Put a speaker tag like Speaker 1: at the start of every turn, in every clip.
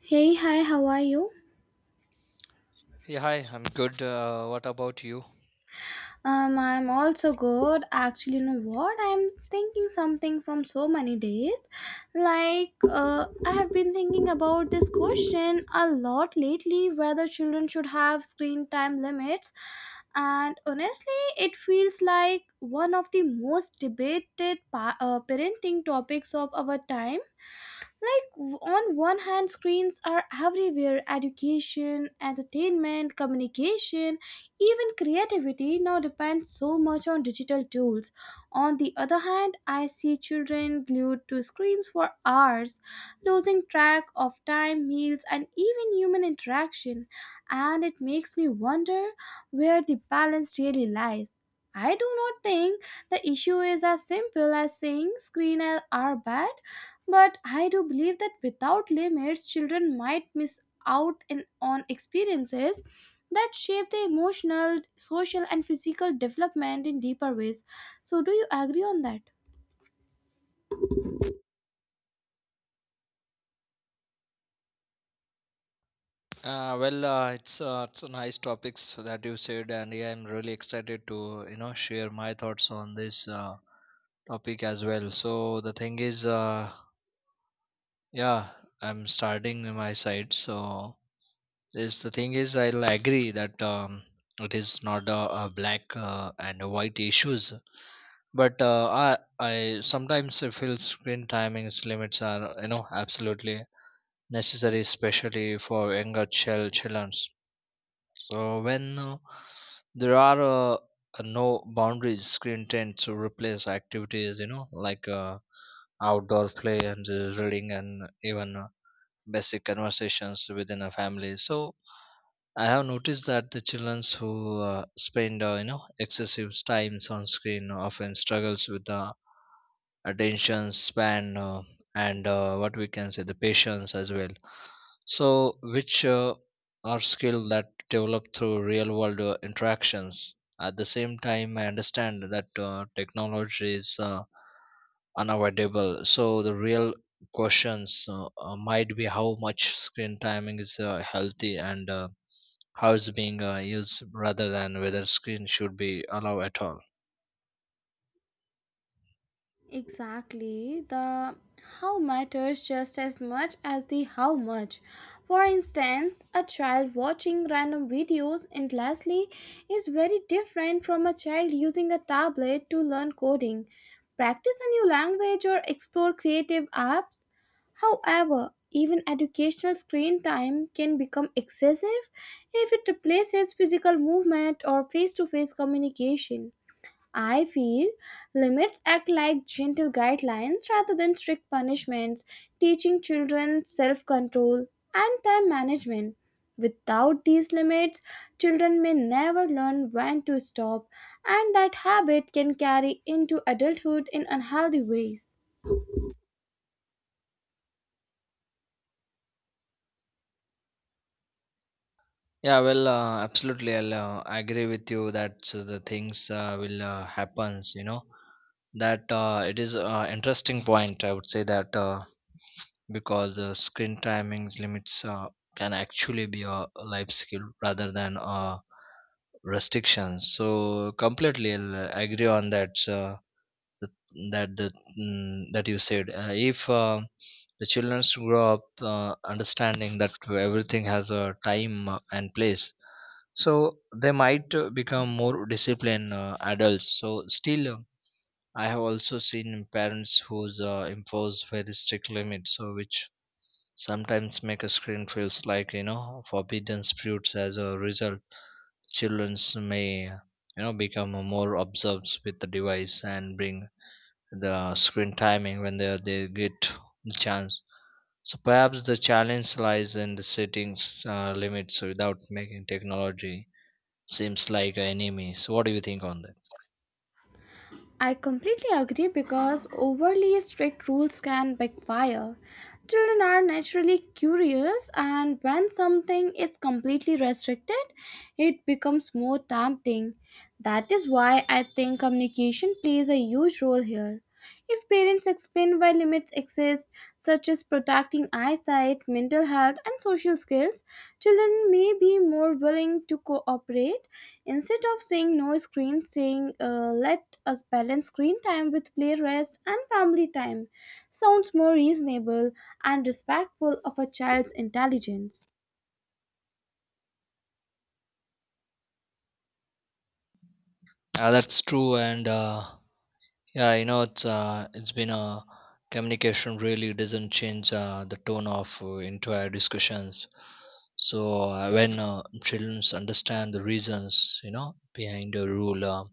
Speaker 1: Hey, hi, how are you?
Speaker 2: Yeah, hi, I'm good. What about you?
Speaker 1: I'm also good. Actually, you know what? I'm thinking something from so many days. I have been thinking about this question a lot lately whether children should have screen time limits. And honestly, it feels like one of the most debated parenting topics of our time. On one hand, screens are everywhere: education, entertainment, communication, even creativity now depends so much on digital tools. On the other hand, I see children glued to screens for hours, losing track of time, meals, and even human interaction. And it makes me wonder where the balance really lies. I do not think the issue is as simple as saying screens are bad, but I do believe that without limits, children might miss on experiences that shape their emotional, social, and physical development in deeper ways. So, do you agree on that?
Speaker 2: It's a nice topics that you said, and yeah, I'm really excited to share my thoughts on this topic as well. So the thing is, yeah, I'm starting my side. So this the thing is, I'll agree that it is not a black and a white issues, but I sometimes I feel screen timings limits are absolutely necessary, especially for younger children. So when there are no boundaries, screen tend to replace activities, like outdoor play and reading and even basic conversations within a family. So I have noticed that the children who spend, excessive times on screen, often struggles with the attention span and what we can say the patience as well, so, which are skills that develop through real world interactions. At the same time, I understand that technology is unavoidable. So, the real questions might be how much screen timing is healthy and how it's being used rather than whether screen should be allowed at all.
Speaker 1: Exactly. The how matters just as much as the how much. For instance, a child watching random videos endlessly is very different from a child using a tablet to learn coding, practice a new language, or explore creative apps. However, even educational screen time can become excessive if it replaces physical movement or face to face communication. I feel limits act like gentle guidelines rather than strict punishments, teaching children self control and time management. Without these limits, children may never learn when to stop, and that habit can carry into adulthood in unhealthy ways.
Speaker 2: Yeah, well, absolutely. I'll agree with you that so the things will happens. That it is interesting point. I would say that because screen timing limits can actually be a life skill rather than restrictions. So completely, I'll agree on that. That that that, that you said. If the children grow up understanding that everything has a time and place, so they might become more disciplined adults. So still, I have also seen parents who's impose very strict limits, so which sometimes make a screen feels like forbidden fruits. As a result, childrens may become more obsessed with the device and bring the screen timing when they get the chance. So perhaps the challenge lies in the settings limits without making technology seems like enemies. What do you think on that?
Speaker 1: I completely agree because overly strict rules can backfire. Children are naturally curious, and when something is completely restricted, it becomes more tempting. That is why I think communication plays a huge role here. If parents explain why limits exist, such as protecting eyesight, mental health, and social skills, children may be more willing to cooperate. Instead of saying no screen, saying let us balance screen time with play rest and family time sounds more reasonable and respectful of a child's intelligence.
Speaker 2: That's true, and it's been a communication really doesn't change the tone of entire discussions. So when children understand the reasons, behind a rule,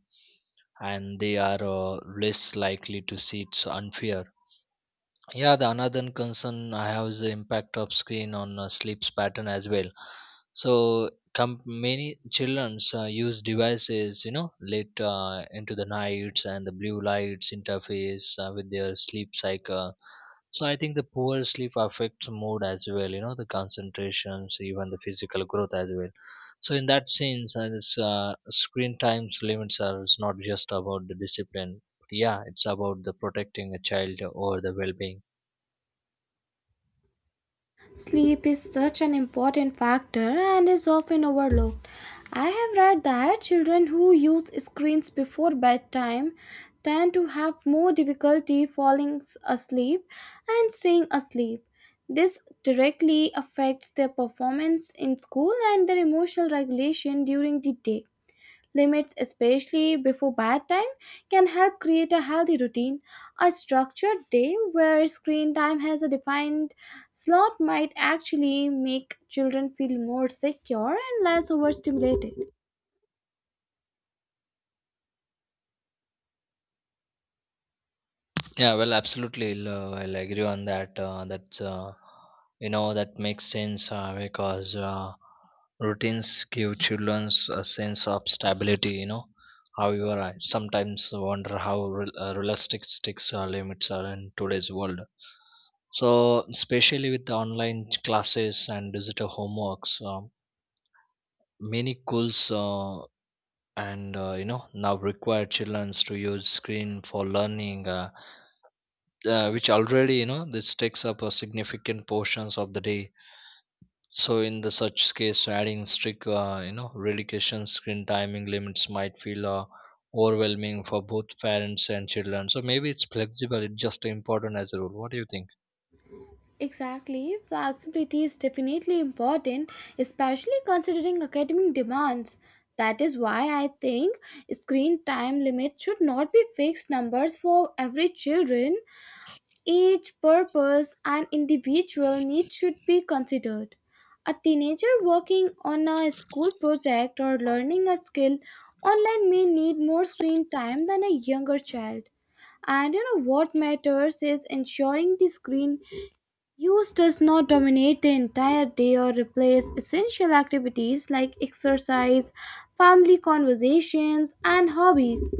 Speaker 2: and they are less likely to see it's unfair. Yeah, the another concern I have is the impact of screen on sleep's pattern as well. So, many childrens use devices, late into the nights, and the blue lights interface with their sleep cycle. So, I think the poor sleep affects mood as well, the concentrations, even the physical growth as well. So, in that sense, this screen times limits are is not just about the discipline, but yeah, it's about the protecting a child or the well-being.
Speaker 1: Sleep is such an important factor and is often overlooked. I have read that children who use screens before bedtime tend to have more difficulty falling asleep and staying asleep. This directly affects their performance in school and their emotional regulation during the day. Limits, especially before bedtime, can help create a healthy routine. A structured day where screen time has a defined slot might actually make children feel more secure and less overstimulated.
Speaker 2: Yeah, well, absolutely. I'll agree on that. That's that makes sense, because routines give children a sense of stability. However, I sometimes wonder how realistic sticks limits are in today's world. So, especially with the online classes and digital homeworks, many schools and now require children to use screen for learning. Which already this takes up a significant portions of the day. So in the such case, adding strict, relocation screen timing limits might feel overwhelming for both parents and children. So maybe it's flexible, it's just important as a rule. What do you think?
Speaker 1: Exactly, flexibility is definitely important, especially considering academic demands. That is why I think screen time limits should not be fixed numbers for every children. Age, purpose, and individual needs should be considered. A teenager working on a school project or learning a skill online may need more screen time than a younger child. And you know what matters is ensuring the screen use does not dominate the entire day or replace essential activities like exercise, family conversations, and hobbies.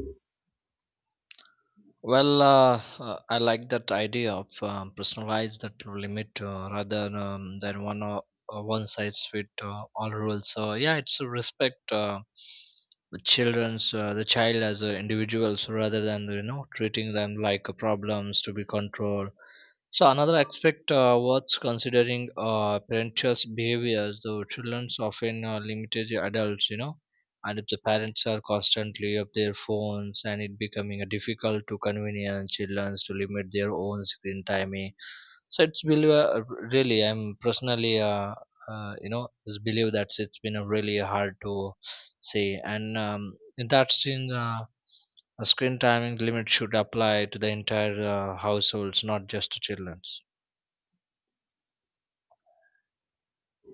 Speaker 2: Well, I like that idea of personalize that limit, rather than one one size fit all rules. So yeah, it's a respect the children's the child as individuals rather than treating them like problems to be controlled. So another aspect worth considering parental behaviors. The children's often limited the adults, and if the parents are constantly of their phones, and it becoming difficult to convenience children to limit their own screen time. So it's believe, really I'm personally, just believe that it's been a really hard to say, and that's in that scene, a screen timing limit should apply to the entire households, not just to childrens.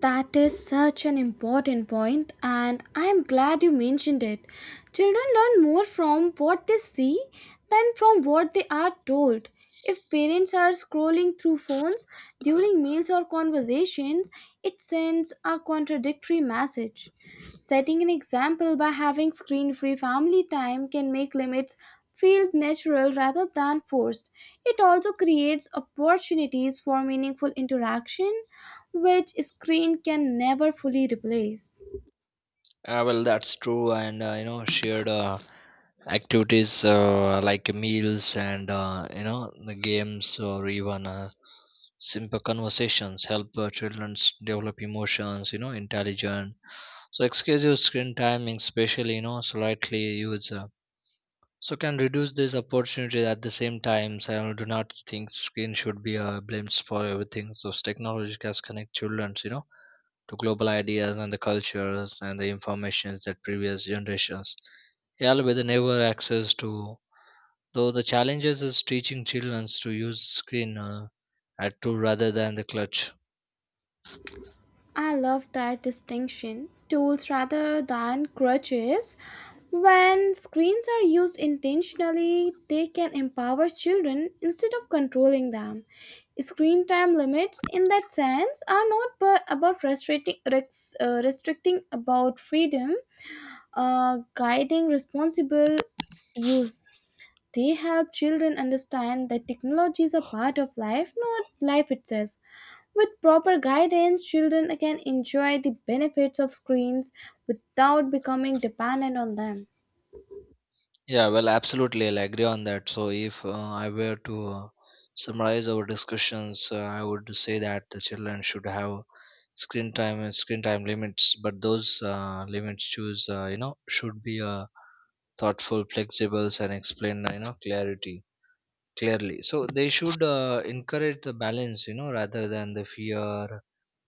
Speaker 1: That is such an important point, and I am glad you mentioned it. Children learn more from what they see than from what they are told. If parents are scrolling through phones during meals or conversations, it sends a contradictory message. Setting an example by having screen free family time can make limits feel natural rather than forced. It also creates opportunities for meaningful interaction which screen can never fully replace.
Speaker 2: Well, that's true, and shared activities like meals and, the games or even simple conversations help children develop emotions, intelligence. So excessive screen timing, especially slightly user, so can reduce these opportunities. At the same time, so I do not think screen should be blamed for everything. So technology has connect children, to global ideas and the cultures and the informations that previous generations held with never access to. Though the challenges is teaching children to use screen at tool rather than the clutch.
Speaker 1: I love that distinction. Tools rather than crutches. When screens are used intentionally, they can empower children instead of controlling them. Screen time limits, in that sense, are not but about restricting about freedom, guiding responsible use. They help children understand that technology is a part of life, not life itself. With proper guidance, children can enjoy the benefits of screens without becoming dependent on them.
Speaker 2: Yeah, well, absolutely, I'll agree on that. So, if I were to summarize our discussions, I would say that the children should have screen time and screen time limits, but those limits choose, should be, thoughtful, flexible, and explain, clarity clearly. So they should encourage the balance, rather than the fear,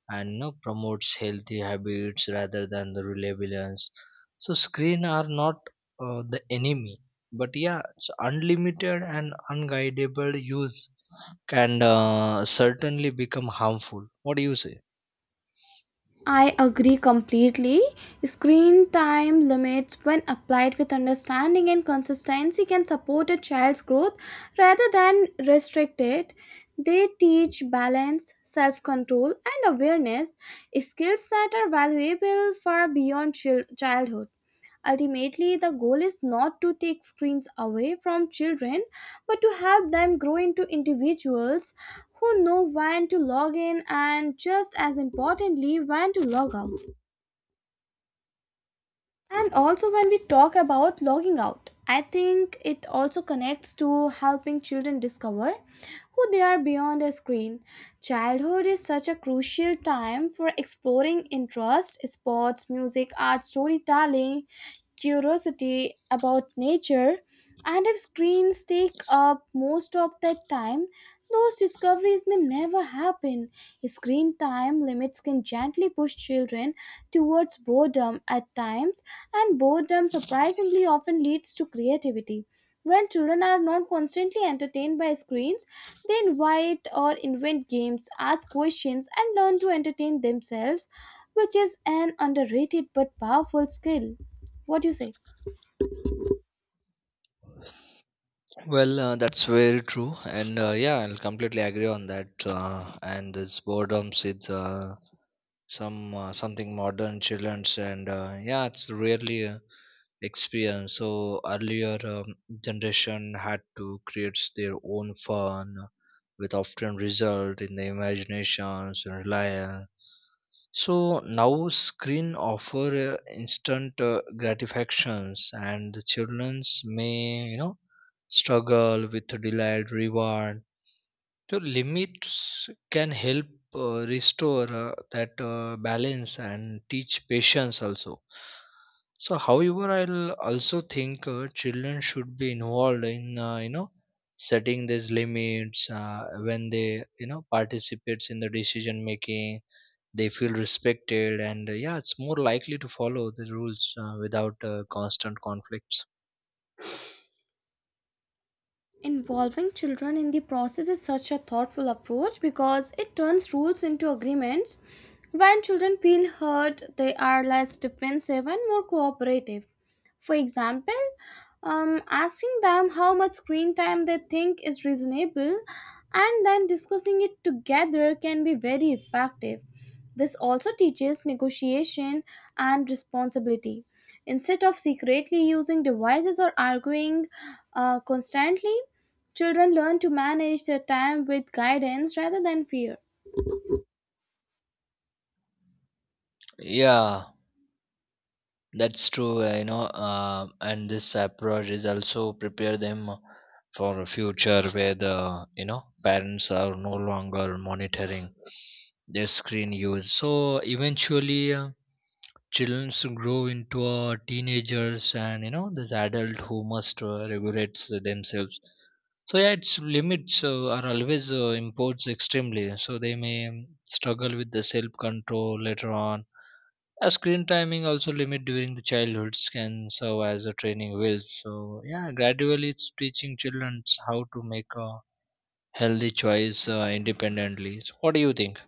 Speaker 2: and you promotes healthy habits rather than the reliance. So screen are not the enemy, but yeah, it's unlimited and unguidable use can certainly become harmful. What do you say?
Speaker 1: I agree completely. Screen time limits, when applied with understanding and consistency, can support a child's growth rather than restrict it. They teach balance, self control, and awareness, skills that are valuable far beyond childhood. Ultimately, the goal is not to take screens away from children, but to help them grow into individuals who know when to log in and, just as importantly, when to log out. And also, when we talk about logging out, I think it also connects to helping children discover who they are beyond a screen. Childhood is such a crucial time for exploring interest, sports, music, art, storytelling, curiosity about nature. And if screens take up most of that time, those discoveries may never happen. Screen time limits can gently push children towards boredom at times, and boredom surprisingly often leads to creativity. When children are not constantly entertained by screens, they invite or invent games, ask questions, and learn to entertain themselves, which is an underrated but powerful skill. What do you say?
Speaker 2: Well, that's very true, and yeah, I'll completely agree on that. And this boredom is, something modern childrens, and yeah, it's really experience. So earlier generation had to create their own fun, with often result in the imaginations and reliance. So now screen offer instant gratifications, and the childrens may struggle with delayed reward. So limits can help restore that balance and teach patience also. So, however, I'll also think children should be involved in, setting these limits when they participates in the decision making. They feel respected, and yeah, it's more likely to follow the rules without constant conflicts.
Speaker 1: Involving children in the process is such a thoughtful approach because it turns rules into agreements. When children feel heard, they are less defensive and more cooperative. For example, asking them how much screen time they think is reasonable and then discussing it together can be very effective. This also teaches negotiation and responsibility. Instead of secretly using devices or arguing constantly, children learn to manage their time with guidance rather than fear.
Speaker 2: Yeah, that's true, and this approach is also prepare them for a future where the parents are no longer monitoring their screen use. So eventually, children grow into teenagers and this adult who must regulate themselves. So yeah, its limits are always imposed extremely. So they may struggle with the self control later on. Screen timing also limit during the childhoods can serve as a training wheel. So yeah, gradually it's teaching children how to make a healthy choice independently. So what do you think?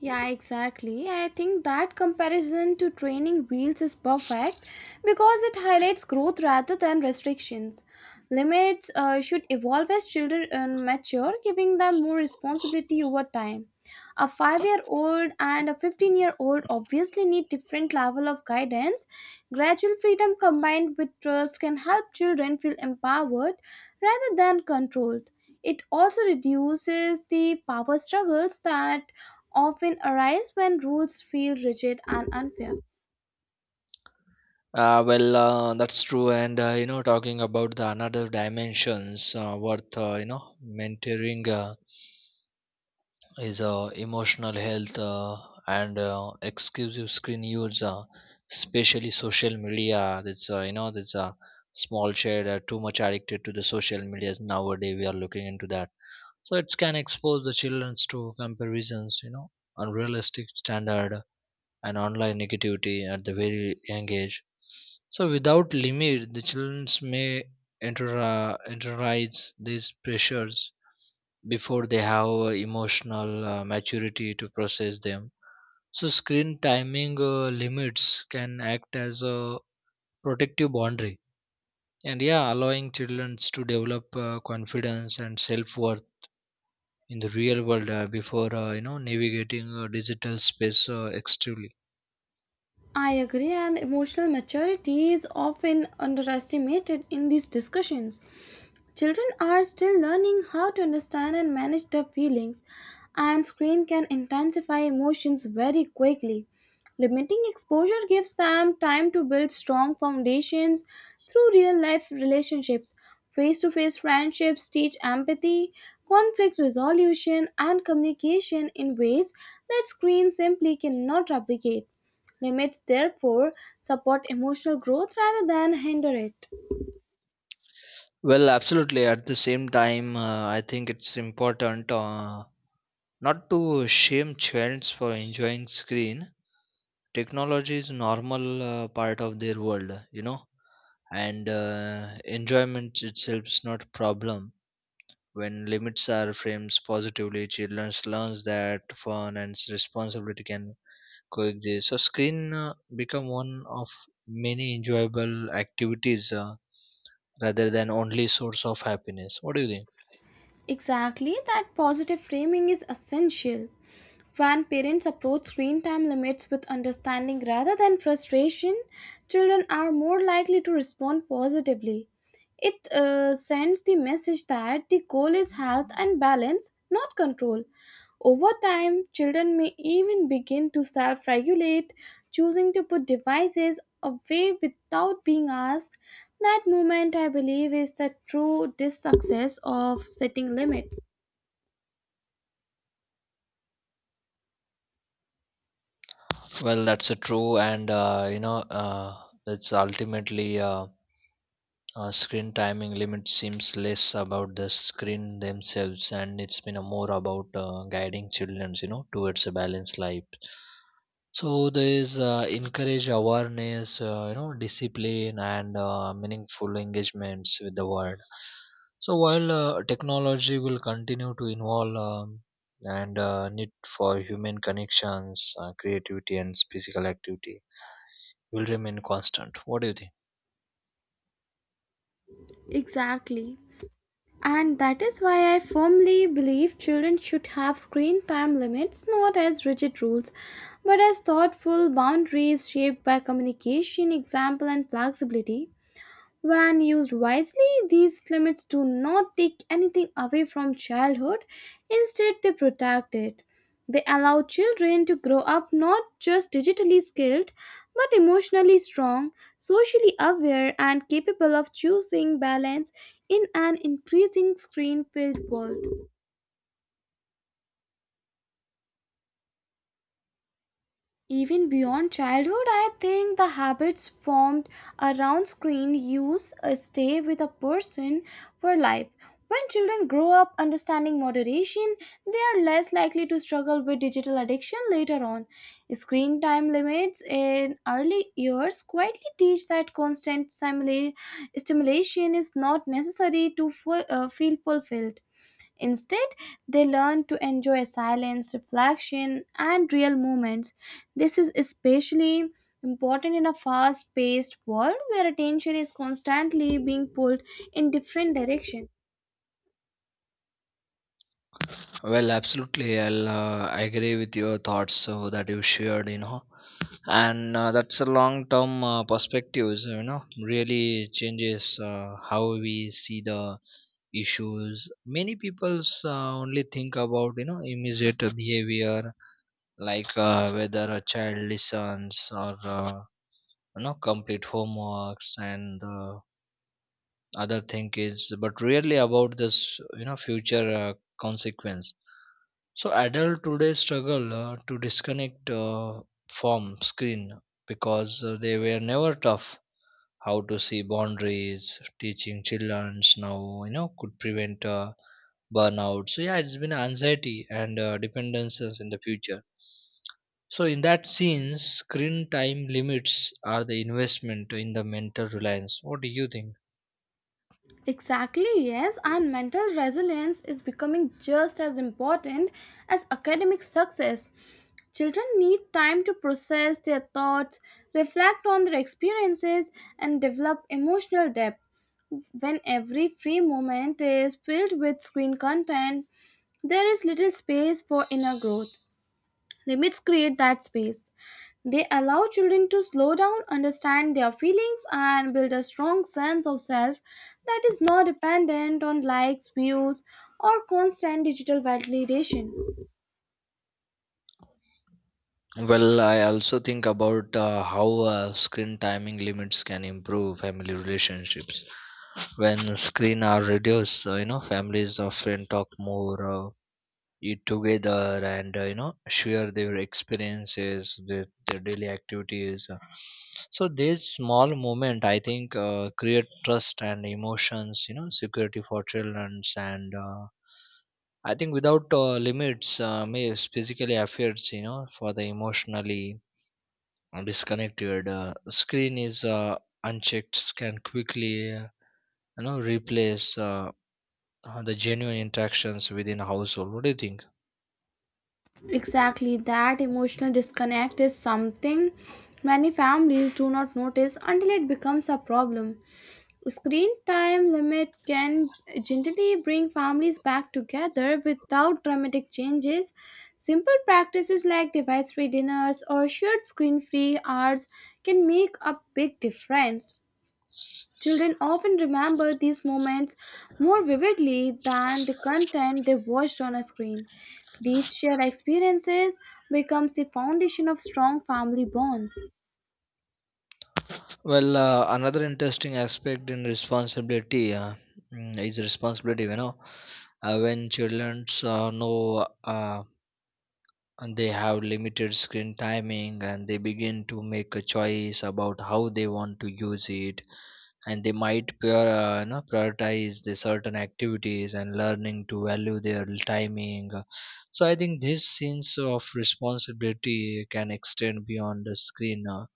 Speaker 1: Yeah, exactly. I think that comparison to training wheels is perfect because it highlights growth rather than restrictions. Limits should evolve as children mature, giving them more responsibility over time. A 5-year-old and a 15-year-old obviously need different level of guidance. Gradual freedom combined with trust can help children feel empowered rather than controlled. It also reduces the power struggles that often arise when rules feel rigid and unfair.
Speaker 2: Well, that's true. And talking about the another dimensions worth mentoring. Is emotional health and exclusive screen use, especially social media. That's that's a, small child are too much addicted to the social media nowadays. We are looking into that, so it can expose the children to comparisons, unrealistic standard and online negativity at the very young age. So without limit, the children may enter, internalize these pressures before they have emotional maturity to process them. So, screen timing limits can act as a protective boundary, and, yeah, allowing children to develop confidence and self worth in the real world before, navigating digital space extremely.
Speaker 1: I agree, and emotional maturity is often underestimated in these discussions. Children are still learning how to understand and manage their feelings, and screen can intensify emotions very quickly. Limiting exposure gives them time to build strong foundations through real life relationships. Face to face friendships teach empathy, conflict resolution, and communication in ways that screen simply cannot replicate. Limits, therefore, support emotional growth rather than hinder it.
Speaker 2: Well, absolutely. At the same time, I think it's important, not to shame children for enjoying screen. Technology is normal part of their world, and enjoyment itself is not a problem. When limits are framed positively, children learns that fun and responsibility can coexist. So screen become one of many enjoyable activities, rather than only source of happiness. What do you think?
Speaker 1: Exactly, that positive framing is essential. When parents approach screen time limits with understanding rather than frustration, children are more likely to respond positively. It sends the message that the goal is health and balance, not control. Over time, children may even begin to self regulate, choosing to put devices away without being asked. That moment, I believe, is the true success of setting limits.
Speaker 2: Well, that's a true, and that's ultimately, screen timing limit seems less about the screen themselves, and it's been a more about guiding children towards a balanced life. So there is encourage awareness, discipline, and meaningful engagements with the world. So while technology will continue to involve, and need for human connections, creativity, and physical activity will remain constant. What do you think?
Speaker 1: Exactly. And that is why I firmly believe children should have screen time limits not as rigid rules, but as thoughtful boundaries shaped by communication, example, and flexibility. When used wisely, these limits do not take anything away from childhood, instead, they protect it. They allow children to grow up not just digitally skilled, but emotionally strong, socially aware, and capable of choosing balance in an increasing screen filled world. Even beyond childhood, I think the habits formed around screen use stay with a person for life. When children grow up understanding moderation, they are less likely to struggle with digital addiction later on. Screen time limits in early years quietly teach that constant stimulation is not necessary to feel fulfilled. Instead, they learn to enjoy silence, reflection, and real moments. This is especially important in a fast paced world where attention is constantly being pulled in different directions.
Speaker 2: Well, absolutely. I'll agree with your thoughts that you shared, you know, and that's a long-term perspectives, you know, really changes how we see the issues. Many people's only think about, you know, immediate behavior, like whether a child listens or complete homeworks and other thing is but rarely about this, you know, future consequence. So adult today struggle to disconnect from screen because they were never tough how to see boundaries. Teaching childrens now, you know, could prevent burnout. So yeah, it's been anxiety and dependences in the future. So in that sense, screen time limits are the investment in the mental reliance. What do you think?
Speaker 1: Exactly, yes, and mental resilience is becoming just as important as academic success. Children need time to process their thoughts, reflect on their experiences, and develop emotional depth. When every free moment is filled with screen content, there is little space for inner growth. Limits create that space. They allow children to slow down, understand their feelings, and build a strong sense of self that is not dependent on likes, views, or constant digital validation.
Speaker 2: Well, I also think about how screen timing limits can improve family relationships. When screen are reduced, you know, families often talk more, eat together, and you know, share their experiences, their daily activities. So this small moment, I think, create trust and emotions, you know, security for children, and I think without limits, may physically affects, you know, for the emotionally disconnected. Screen is unchecked can quickly you know replace the genuine interactions within a household. What do you think?
Speaker 1: Exactly, that emotional disconnect is something many families do not notice until it becomes a problem. Screen time limit can gently bring families back together without dramatic changes. Simple practices like device free dinners or shared screen free hours can make a big difference. Children often remember these moments more vividly than the content they watched on a screen. These shared experiences becomes the foundation of strong family bonds.
Speaker 2: Well, another interesting aspect in responsibility, is responsibility, you know. When children know and they have limited screen timing, and they begin to make a choice about how they want to use it, and they might prioritize the certain activities and learning to value their timing. So I think this sense of responsibility can extend beyond the screen uh,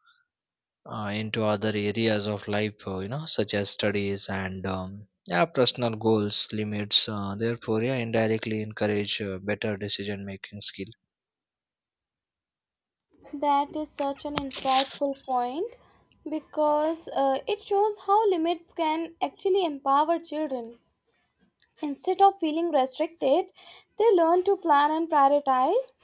Speaker 2: uh, into other areas of life, you know, such as studies and yeah, personal goals. Limits therefore, yeah, indirectly encourage better decision making skill.
Speaker 1: That is such an insightful point because it shows how limits can actually empower children. Instead of feeling restricted, they learn to plan and prioritize.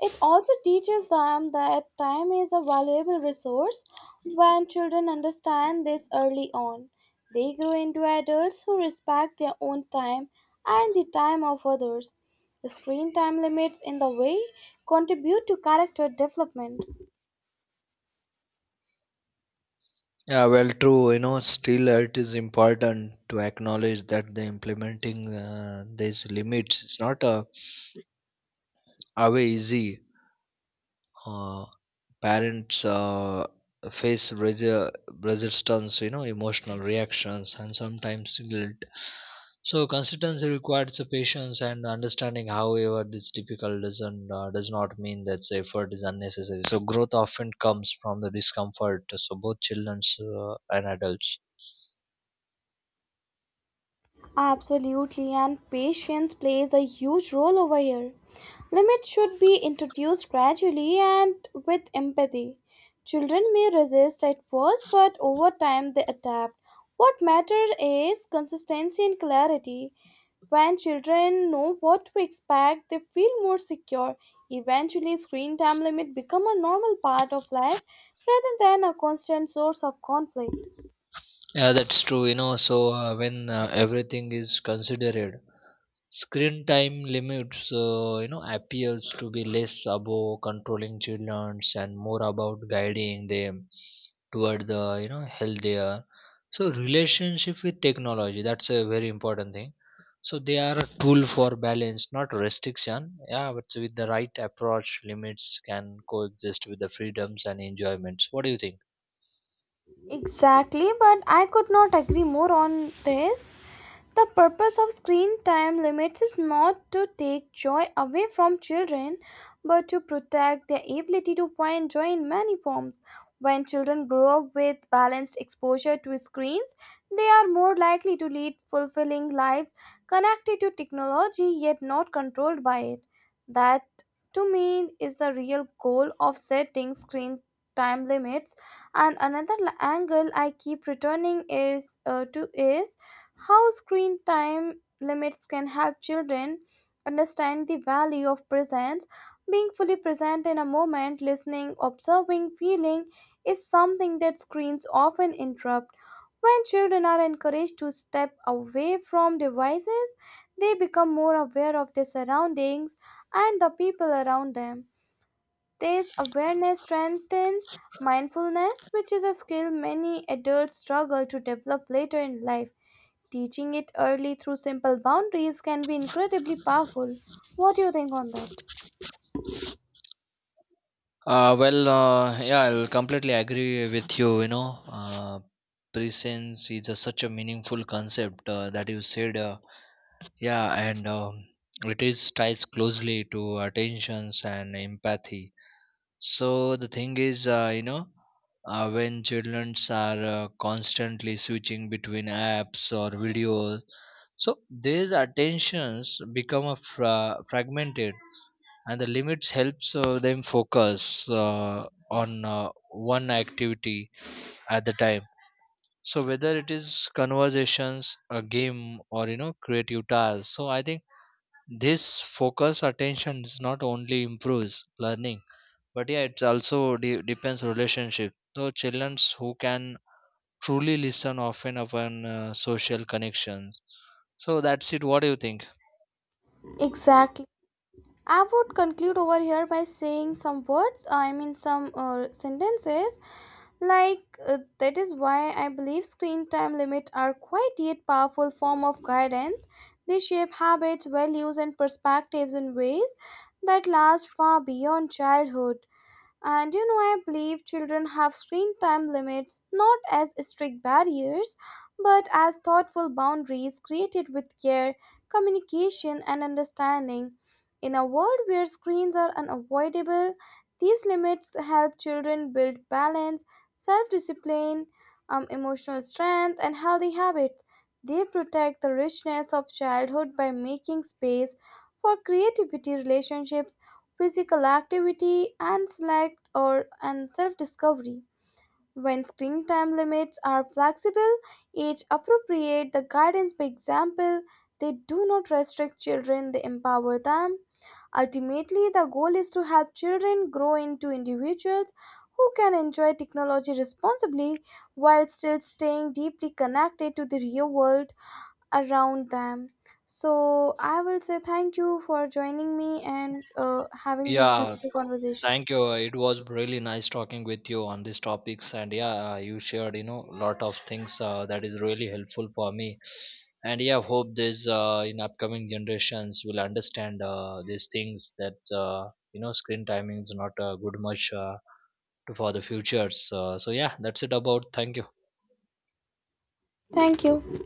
Speaker 1: It also teaches them that time is a valuable resource. When children understand this early on, they grow into adults who respect their own time and the time of others. Screen time limits in the way contribute to character development.
Speaker 2: Yeah, well, true, you know. Still, it is important to acknowledge that the implementing these limits is not a away easy. uh, Parents face resistance, you know, emotional reactions, and sometimes guilt. So consistency requires a patience and understanding. However, this difficult doesn't does not mean that the effort is unnecessary. So growth often comes from the discomfort, so both children and adults.
Speaker 1: Absolutely, and patience plays a huge role over here. Limits should be introduced gradually and with empathy. Children may resist at first, but over time they adapt. What matters is consistency and clarity. When children know what to expect, they feel more secure. Eventually, screen time limit become a normal part of life rather than a constant source of conflict.
Speaker 2: Yeah, that's true, you know. So when everything is considered, screen time limits, you know, appeals to be less about controlling children and more about guiding them toward the, you know, healthier. So relationship with technology, that's a very important thing. So they are a tool for balance, not restriction. Yeah, but with the right approach, limits can coexist with the freedoms and enjoyments. What do you think?
Speaker 1: Exactly, but I could not agree more on this. The purpose of screen time limits is not to take joy away from children, but to protect their ability to find joy in many forms. When children grow up with balanced exposure to screens, they are more likely to lead fulfilling lives connected to technology yet not controlled by it. That, to me, is the real goal of setting screen time limits. And another angle I keep returning is to is how screen time limits can help children understand the value of presence. Being fully present in a moment, listening, observing, feeling is something that screens often interrupt. When children are encouraged to step away from devices, they become more aware of their surroundings and the people around them. This awareness strengthens mindfulness, which is a skill many adults struggle to develop later in life. Teaching it early through simple boundaries can be incredibly powerful. What do you think on that?
Speaker 2: Yeah, I'll completely agree with you. You know, presence is a such a meaningful concept that you said. Yeah, and it is ties closely to attentions and empathy. So the thing is, when children are constantly switching between apps or videos, so these attentions become a fragmented, and the limits helps them focus on one activity at the time. So whether it is conversations, a game, or you know, creative tasks, so I think this focus attention is not only improves learning, but yeah, it also depends relationship. So children who can truly listen often upon social connections. So that's it. What do you think?
Speaker 1: Exactly. I would conclude over here by saying some words, I mean, some sentences like that is why I believe screen time limits are quite yet powerful form of guidance. They shape habits, values, and perspectives in ways that last far beyond childhood. And you know, I believe children have screen time limits not as strict barriers, but as thoughtful boundaries created with care, communication, and understanding. In a world where screens are unavoidable, these limits help children build balance, self discipline, emotional strength, and healthy habits. They protect the richness of childhood by making space for creativity, relationships, physical activity, and select or and self-discovery. When screen time limits are flexible, age appropriate, the guidance by example, they do not restrict children, they empower them. Ultimately, the goal is to help children grow into individuals who can enjoy technology responsibly while still staying deeply connected to the real world around them. So I will say thank you for joining me and having this
Speaker 2: Yeah.
Speaker 1: beautiful conversation.
Speaker 2: Thank you. It was really nice talking with you on these topics, and yeah, you shared, you know, lot of things that is really helpful for me. And yeah, hope this in upcoming generations will understand these things that you know, screen timing is not a good much for the futures. So yeah, that's it about. Thank you.
Speaker 1: Thank you.